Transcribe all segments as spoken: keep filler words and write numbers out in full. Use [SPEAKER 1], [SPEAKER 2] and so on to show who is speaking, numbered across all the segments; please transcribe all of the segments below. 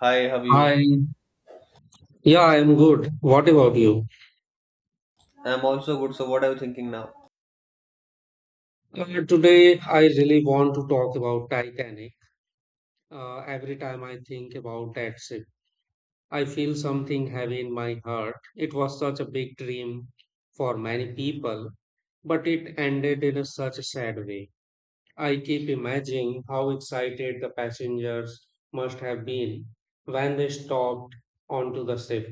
[SPEAKER 1] Hi, how are you?
[SPEAKER 2] Hi. Yeah, I'm good. What about you?
[SPEAKER 1] I'm also good, so what are you thinking now?
[SPEAKER 2] Uh, today, I really want to talk about Titanic. Uh, every time I think about that ship, I feel something heavy in my heart. It was such a big dream for many people, but it ended in a such a sad way. I keep imagining how excited the passengers must have been when they stopped onto the ship.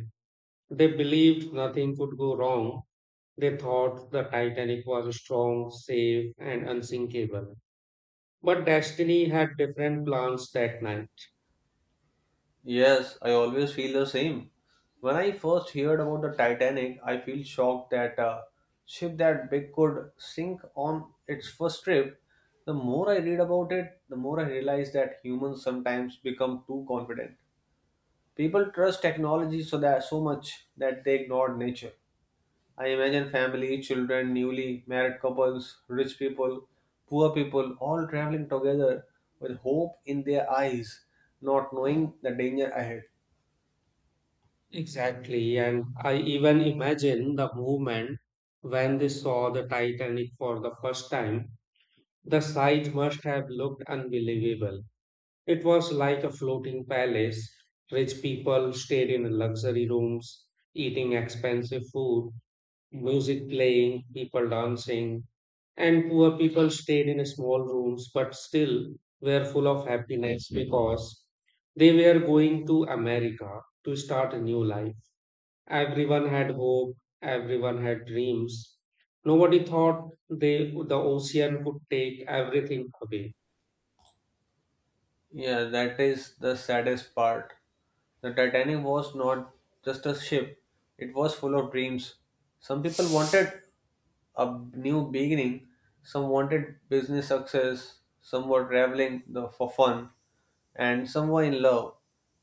[SPEAKER 2] They believed nothing could go wrong. They thought the Titanic was strong, safe, and unsinkable. But destiny had different plans that night.
[SPEAKER 1] Yes, I always feel the same. When I first heard about the Titanic, I feel shocked that a ship that big could sink on its first trip. The more I read about it, the more I realize that humans sometimes become too confident. People trust technology so that so much that they ignore nature. I imagine family, children, newly married couples, rich people, poor people all traveling together with hope in their eyes, not knowing the danger ahead.
[SPEAKER 2] Exactly, and I even imagine the movement when they saw the Titanic for the first time. The sight must have looked unbelievable. It was like a floating palace. Rich people stayed in luxury rooms, eating expensive food, music playing, people dancing. And poor people stayed in small rooms but still were full of happiness because they were going to America to start a new life. Everyone had hope, everyone had dreams. Nobody thought they, the ocean could take everything away.
[SPEAKER 1] Yeah, that is the saddest part. The Titanic was not just a ship, it was full of dreams. Some people wanted a new beginning. Some wanted business success, some were traveling the- for fun, and some were in love.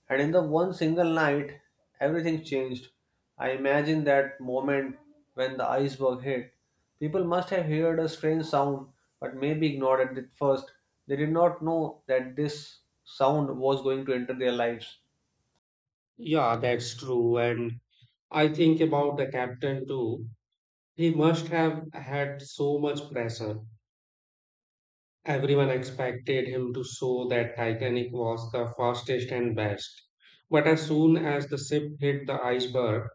[SPEAKER 1] And in the one single night, everything changed. I imagine that moment when the iceberg hit. People must have heard a strange sound, but maybe ignored it at first. They did not know that this sound was going to enter their lives.
[SPEAKER 2] Yeah, that's true. And I think about the captain too. He must have had so much pressure. Everyone expected him to show that Titanic was the fastest and best. But as soon as the ship hit the iceberg,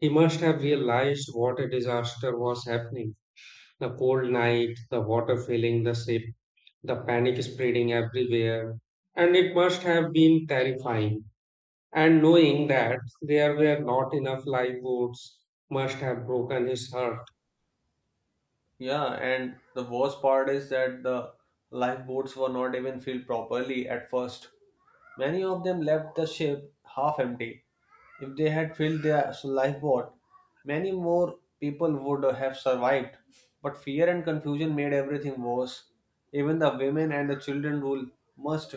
[SPEAKER 2] he must have realized what a disaster was happening. The cold night, the water filling the ship, the panic spreading everywhere. And it must have been terrifying. And knowing that there were not enough lifeboats must have broken his heart.
[SPEAKER 1] Yeah, and the worst part is that the lifeboats were not even filled properly at first. Many of them left the ship half empty. If they had filled their lifeboat, many more people would have survived. But fear and confusion made everything worse. Even the women and the children rule must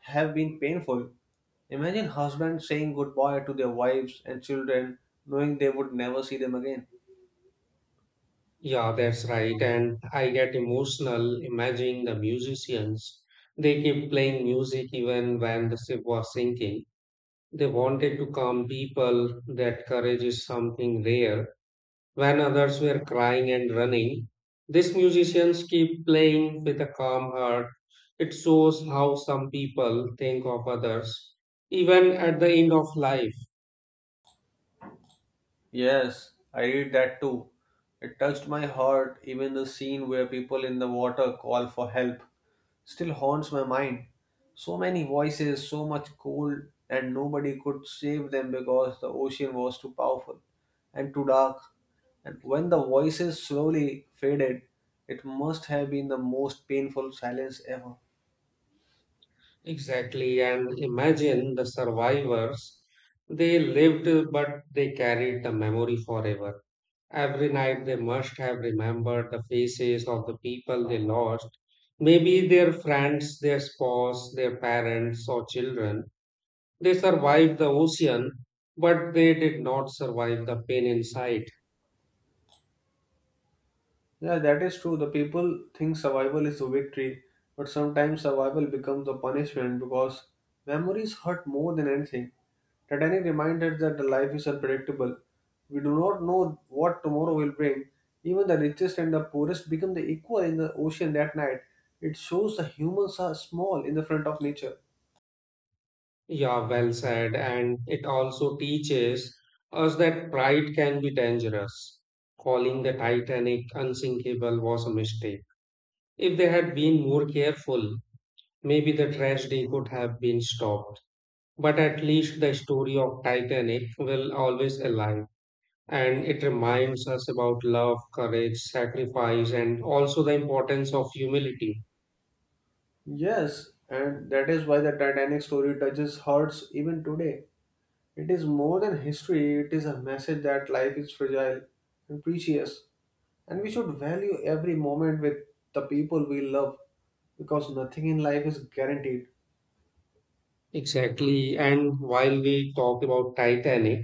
[SPEAKER 1] have been painful. Imagine husbands saying goodbye to their wives and children, knowing they would never see them again.
[SPEAKER 2] Yeah, that's right. And I get emotional imagining the musicians. They keep playing music even when the ship was sinking. They wanted to calm people. That courage is something rare. When others were crying and running, these musicians keep playing with a calm heart. It shows how some people think of others, even at the end of life.
[SPEAKER 1] Yes, I read that too. It touched my heart, even the scene where people in the water call for help still haunts my mind. So many voices, so much cold, and nobody could save them because the ocean was too powerful and too dark. And when the voices slowly faded, it must have been the most painful silence ever.
[SPEAKER 2] Exactly, and imagine the survivors. They lived, but they carried the memory forever. Every night they must have remembered the faces of the people they lost, maybe their friends, their spouse, their parents, or children. They survived the ocean, but they did not survive the pain inside.
[SPEAKER 1] Yeah, that is true. The people think survival is a victory, but sometimes survival becomes a punishment because memories hurt more than anything. Titanic reminded us that the life is unpredictable. We do not know what tomorrow will bring. Even the richest and the poorest become the equal in the ocean that night. It shows the humans are small in the front of nature.
[SPEAKER 2] Yeah, well said. And it also teaches us that pride can be dangerous. Calling the Titanic unsinkable was a mistake. If they had been more careful, maybe the tragedy could have been stopped. But at least the story of Titanic will always alive. And it reminds us about love, courage, sacrifice, and also the importance of humility.
[SPEAKER 1] Yes, and that is why the Titanic story touches hearts even today. It is more than history, it is a message that life is fragile and precious. And we should value every moment with the people we love because nothing in life is guaranteed.
[SPEAKER 2] Exactly. And while we talk about Titanic,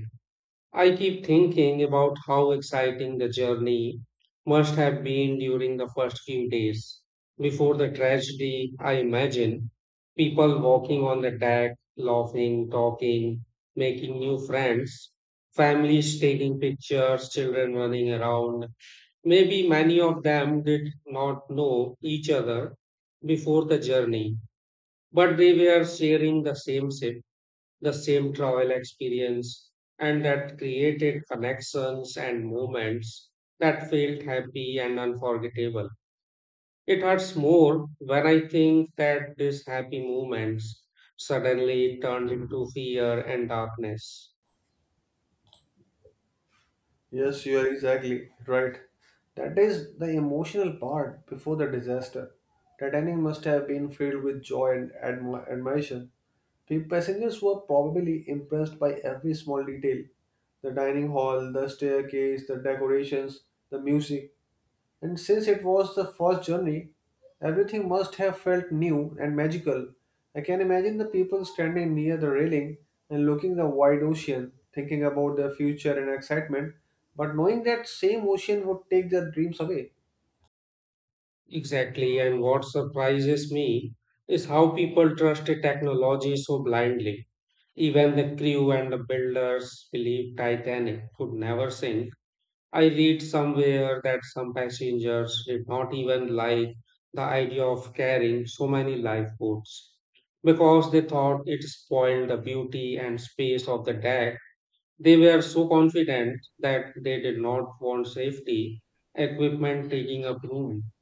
[SPEAKER 2] I keep thinking about how exciting the journey must have been during the first few days. Before the tragedy, I imagine people walking on the deck, laughing, talking, making new friends, families taking pictures, children running around. Maybe many of them did not know each other before the journey, but they were sharing the same ship, the same travel experience, and that created connections and moments that felt happy and unforgettable. It hurts more when I think that these happy moments suddenly turned into fear and darkness.
[SPEAKER 1] Yes, you are exactly right. That is the emotional part before the disaster. Titanic must have been filled with joy and admi- admiration. The passengers were probably impressed by every small detail, the dining hall, the staircase, the decorations, the music. And since it was the first journey, everything must have felt new and magical. I can imagine the people standing near the railing and looking the wide ocean, thinking about their future and excitement, but knowing that same ocean would take their dreams away.
[SPEAKER 2] Exactly, and what surprises me is how people trusted technology so blindly. Even the crew and the builders believed Titanic could never sink. I read somewhere that some passengers did not even like the idea of carrying so many lifeboats because they thought it spoiled the beauty and space of the deck. They were so confident that they did not want safety equipment taking up room.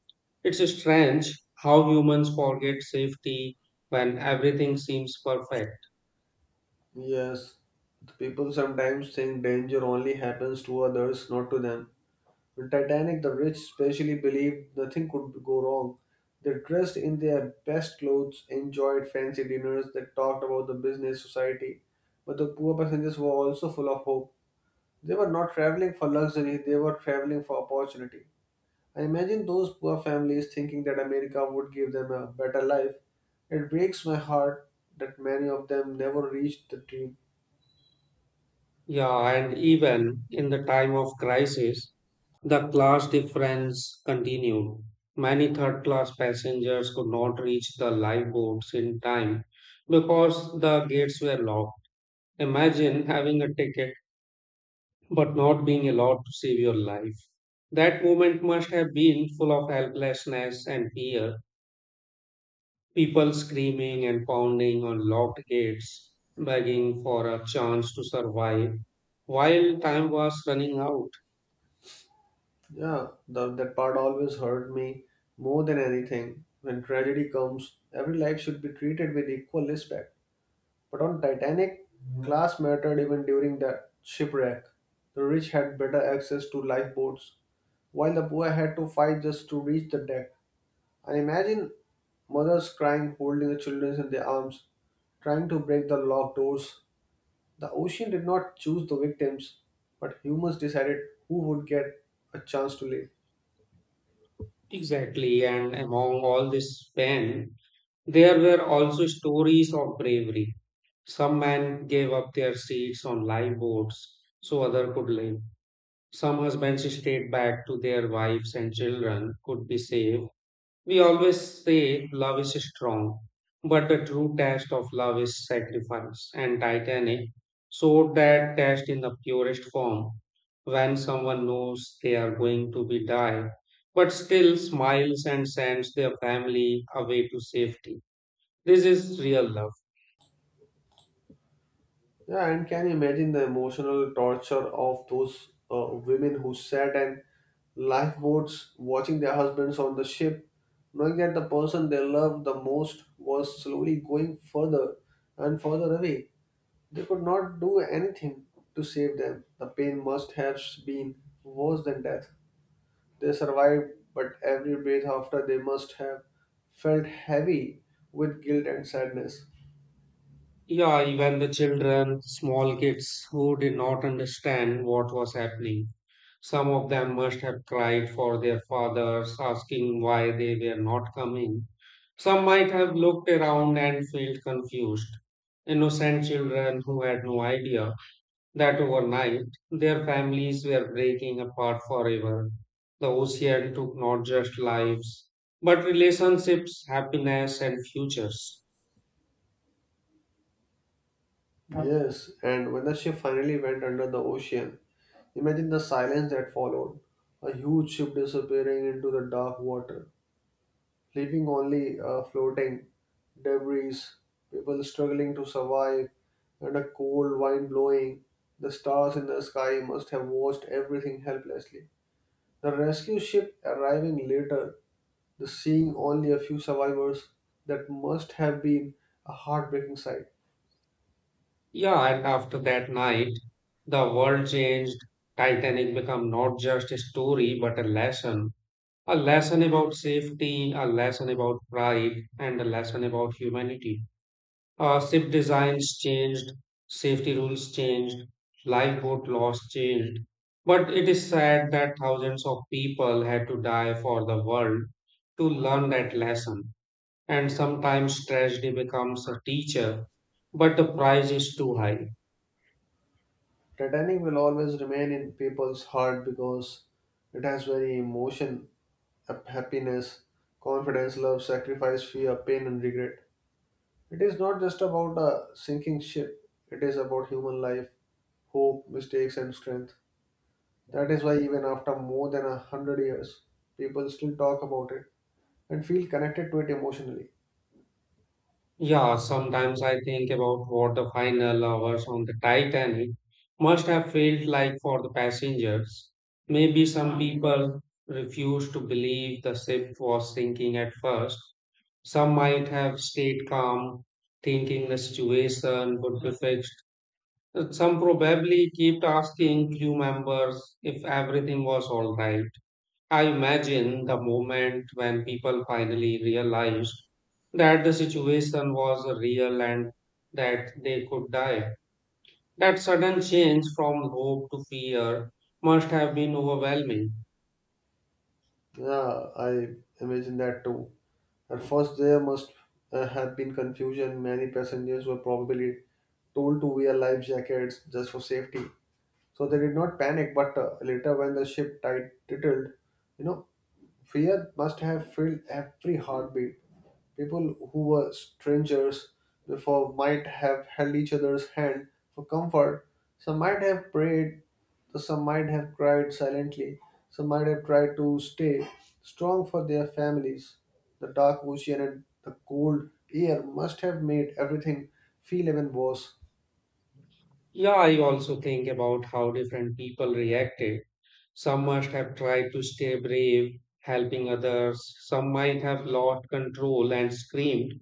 [SPEAKER 2] It's strange how humans forget safety when everything seems perfect.
[SPEAKER 1] Yes, the people sometimes think danger only happens to others, not to them. In Titanic, the rich especially believed nothing could go wrong. They dressed in their best clothes, enjoyed fancy dinners, they talked about the business society. But the poor passengers were also full of hope. They were not traveling for luxury, they were traveling for opportunity. I imagine those poor families thinking that America would give them a better life. It breaks my heart that many of them never reached the dream.
[SPEAKER 2] Yeah, and even in the time of crisis, the class difference continued. Many third class passengers could not reach the lifeboats in time because the gates were locked. Imagine having a ticket but not being allowed to save your life. That moment must have been full of helplessness and fear. People screaming and pounding on locked gates, begging for a chance to survive while time was running out.
[SPEAKER 1] Yeah, the, that part always hurt me more than anything. When tragedy comes, every life should be treated with equal respect. But on Titanic, class mattered even during that shipwreck. The rich had better access to lifeboats, while the poor had to fight just to reach the deck. And imagine mothers crying, holding the children in their arms, trying to break the locked doors. The ocean did not choose the victims, but humans decided who would get a chance to live.
[SPEAKER 2] Exactly, and among all this pain, there were also stories of bravery. Some men gave up their seats on live boats so others could live. Some husbands stayed back to their wives and children could be saved. We always say love is strong, but the true test of love is sacrifice. And Titanic showed that test in the purest form when someone knows they are going to be die, but still smiles and sends their family away to safety. This is real love.
[SPEAKER 1] Yeah, and can you imagine the emotional torture of those uh, women who sat in lifeboats watching their husbands on the ship, knowing that the person they loved the most was slowly going further and further away. They could not do anything to save them. The pain must have been worse than death. They survived, but every breath after they must have felt heavy with guilt and sadness.
[SPEAKER 2] Yeah, even the children, small kids who did not understand what was happening. Some of them must have cried for their fathers, asking why they were not coming. Some might have looked around and felt confused. Innocent children who had no idea that overnight their families were breaking apart forever. The ocean took not just lives, but relationships, happiness, and futures.
[SPEAKER 1] Yes, and when the ship finally went under the ocean, imagine the silence that followed, a huge ship disappearing into the dark water, leaving only uh, floating debris, people struggling to survive, and a cold wind blowing. The stars in the sky must have watched everything helplessly. The rescue ship arriving later, the seeing only a few survivors, that must have been a heartbreaking sight.
[SPEAKER 2] Yeah, and after that night, the world changed. Titanic became not just a story, but a lesson. A lesson about safety, a lesson about pride, and a lesson about humanity. Uh, ship designs changed, safety rules changed, lifeboat laws changed. But it is sad that thousands of people had to die for the world to learn that lesson. And sometimes tragedy becomes a teacher, but the price is too high.
[SPEAKER 1] Titanic will always remain in people's heart because it has very emotion up happiness, confidence, love, sacrifice, fear, pain, and regret. It is not just about a sinking ship, it is about human life, hope, mistakes, and strength. That is why, even after more than a hundred years, people still talk about it and feel connected to it emotionally.
[SPEAKER 2] Yeah, sometimes I think about what the final hours on the Titanic must have felt like for the passengers. Maybe some people refused to believe the ship was sinking at first. Some might have stayed calm, thinking the situation would be fixed. Some probably kept asking crew members if everything was all right. I imagine the moment when people finally realized that the situation was real and that they could die. That sudden change from hope to fear must have been overwhelming.
[SPEAKER 1] Yeah, I imagine that too. At first, there must uh, have been confusion. Many passengers were probably told to wear life jackets just for safety. So they did not panic, but uh, later when the ship tit- titled, you know, fear must have filled every heartbeat. People who were strangers before might have held each other's hand for comfort. Some might have prayed, some might have cried silently, some might have tried to stay strong for their families. The dark ocean and the cold air must have made everything feel even worse.
[SPEAKER 2] Yeah, I also think about how different people reacted. Some must have tried to stay brave, helping others. Some might have lost control and screamed.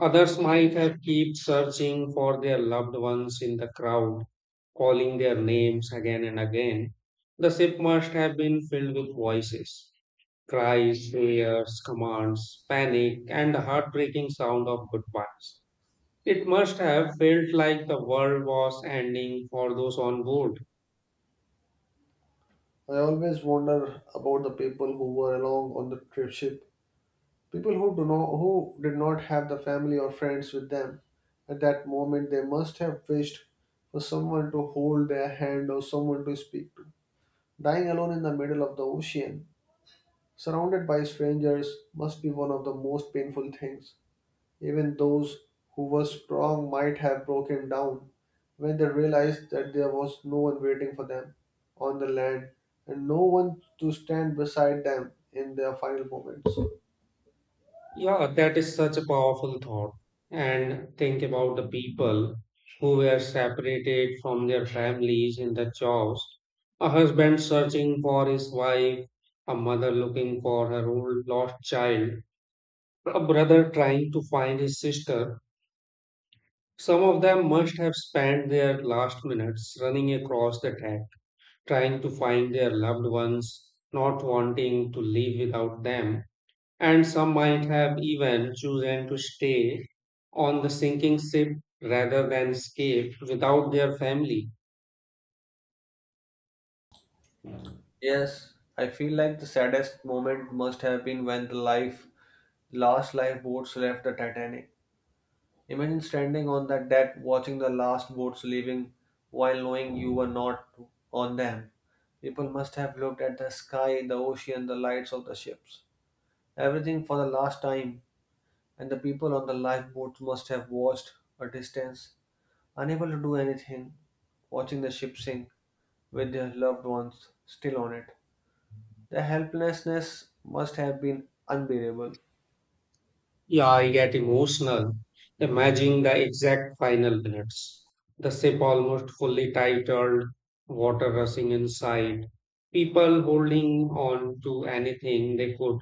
[SPEAKER 2] Others might have kept searching for their loved ones in the crowd, calling their names again and again. The ship must have been filled with voices, cries, prayers, commands, panic, and the heartbreaking sound of goodbyes. It must have felt like the world was ending for those on board.
[SPEAKER 1] I always wonder about the people who were along on the trip ship, people who do not, who did not have the family or friends with them. At that moment, they must have wished for someone to hold their hand or someone to speak to. Dying alone in the middle of the ocean, surrounded by strangers, must be one of the most painful things. Even those who were strong might have broken down when they realized that there was no one waiting for them on the land and no one to stand beside them in their final moments.
[SPEAKER 2] Yeah, that is such a powerful thought. And think about the people who were separated from their families in the jobs. A husband searching for his wife, a mother looking for her old lost child, a brother trying to find his sister. Some of them must have spent their last minutes running across the track, trying to find their loved ones, not wanting to leave without them, and some might have even chosen to stay on the sinking ship rather than escape without their family.
[SPEAKER 1] Yes, I feel like the saddest moment must have been when the life last lifeboats left the Titanic. Imagine standing on that deck watching the last boats leaving while knowing you were not on them. People must have looked at the sky, the ocean, the lights of the ships. Everything for the last time, and the people on the lifeboats must have watched a distance, unable to do anything, watching the ship sink with their loved ones still on it. The helplessness must have been unbearable.
[SPEAKER 2] Yeah, I get emotional imagining the exact final minutes. The ship almost fully titled, water rushing inside, people holding on to anything they could.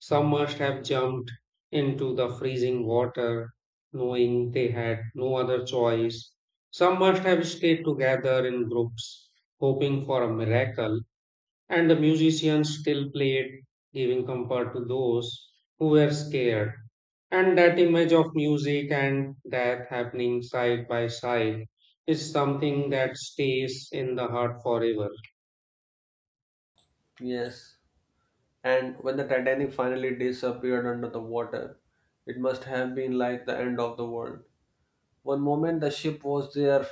[SPEAKER 2] Some must have jumped into the freezing water, knowing they had no other choice. Some must have stayed together in groups, hoping for a miracle, and the musicians still played, giving comfort to those who were scared. And that image of music and death happening side by side is something that stays in the heart forever.
[SPEAKER 1] Yes. And when the Titanic finally disappeared under the water, it must have been like the end of the world. One moment the ship was there,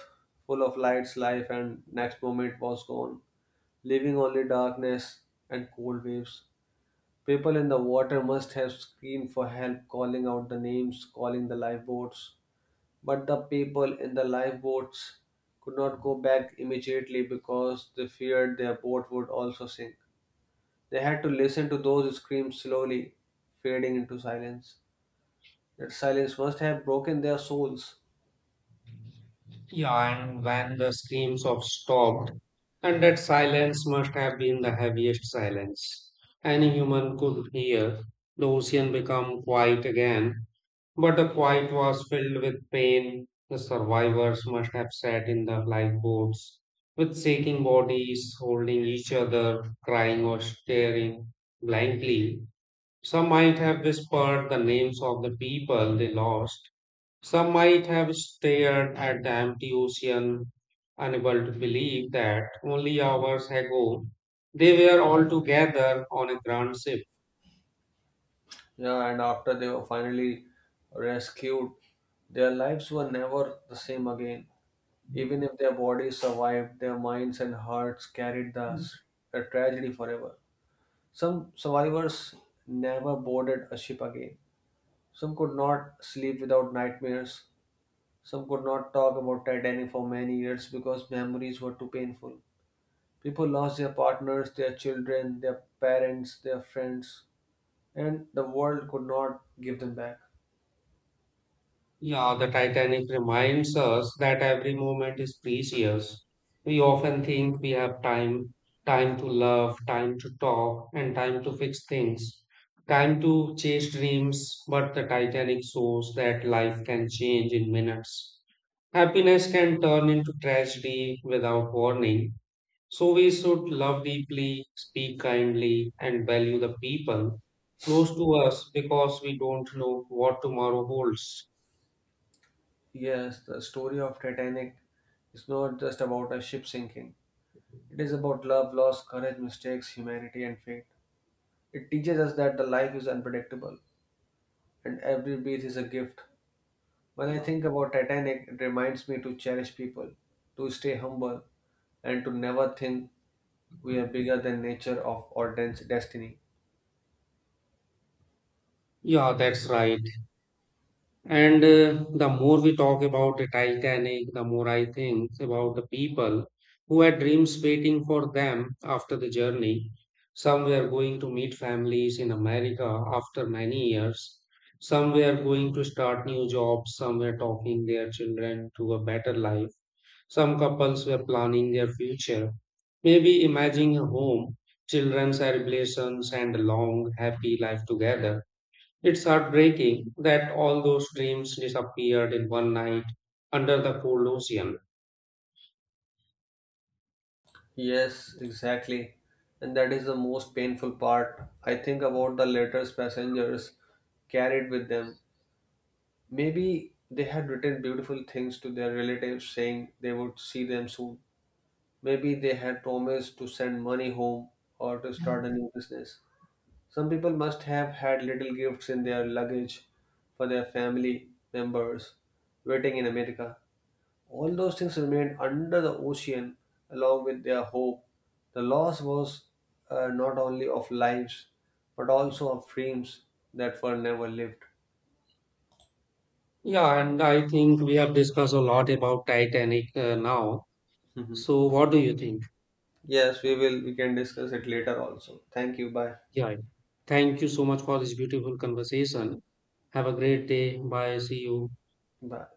[SPEAKER 1] full of lights, life, and next moment was gone, leaving only darkness and cold waves. People in the water must have screamed for help, calling out the names, calling the lifeboats. But the people in the lifeboats could not go back immediately because they feared their boat would also sink. They had to listen to those screams slowly, fading into silence. That silence must have broken their souls.
[SPEAKER 2] Yeah, and when the screams of stopped, and that silence must have been the heaviest silence any human could hear. The ocean became quiet again, but the quiet was filled with pain. The survivors must have sat in the lifeboats with shaking bodies, holding each other, crying or staring blankly. Some might have whispered the names of the people they lost, some might have stared at the empty ocean, unable to believe that only hours ago they were all together on a grand ship.
[SPEAKER 1] Yeah, and after they were finally rescued, their lives were never the same again. Even if their bodies survived, their minds and hearts carried the s- the tragedy forever. Some survivors never boarded a ship again. Some could not sleep without nightmares. Some could not talk about Titanic for many years because memories were too painful. People lost their partners, their children, their parents, their friends, and the world could not give them back.
[SPEAKER 2] Yeah, the Titanic reminds us that every moment is precious. We often think we have time, time to love, time to talk, and time to fix things, time to chase dreams, but the Titanic shows that life can change in minutes. Happiness can turn into tragedy without warning. So we should love deeply, speak kindly, and value the people close to us because we don't know what tomorrow holds.
[SPEAKER 1] Yes, the story of Titanic is not just about a ship sinking. It is about love, loss, courage, mistakes, humanity, and fate. It teaches us that the life is unpredictable and every breath is a gift. When I think about Titanic, it reminds me to cherish people, to stay humble, and to never think we are bigger than nature of or dense destiny.
[SPEAKER 2] Yeah, that's right. And uh, the more we talk about the Titanic, the more I think about the people who had dreams waiting for them after the journey. Some were going to meet families in America after many years. Some were going to start new jobs. Some were talking their children to a better life. Some couples were planning their future, maybe imagining a home, children, celebrations, and a long, happy life together. It's heartbreaking that all those dreams disappeared in one night under the cold ocean.
[SPEAKER 1] Yes, exactly. And that is the most painful part. I think about the letters passengers carried with them. Maybe they had written beautiful things to their relatives saying they would see them soon. Maybe they had promised to send money home or to start a new business. Some people must have had little gifts in their luggage for their family members waiting in America. All those things remained under the ocean along with their hope. The loss was uh, not only of lives but also of dreams that were never lived.
[SPEAKER 2] Yeah, and I think we have discussed a lot about Titanic uh, now.
[SPEAKER 1] Mhm.
[SPEAKER 2] So, what do you think?
[SPEAKER 1] Yes, we will. We can discuss it later also. Thank you. Bye.
[SPEAKER 2] Yeah. Thank you so much for this beautiful conversation. Have a great day. Bye. See you.
[SPEAKER 1] Bye.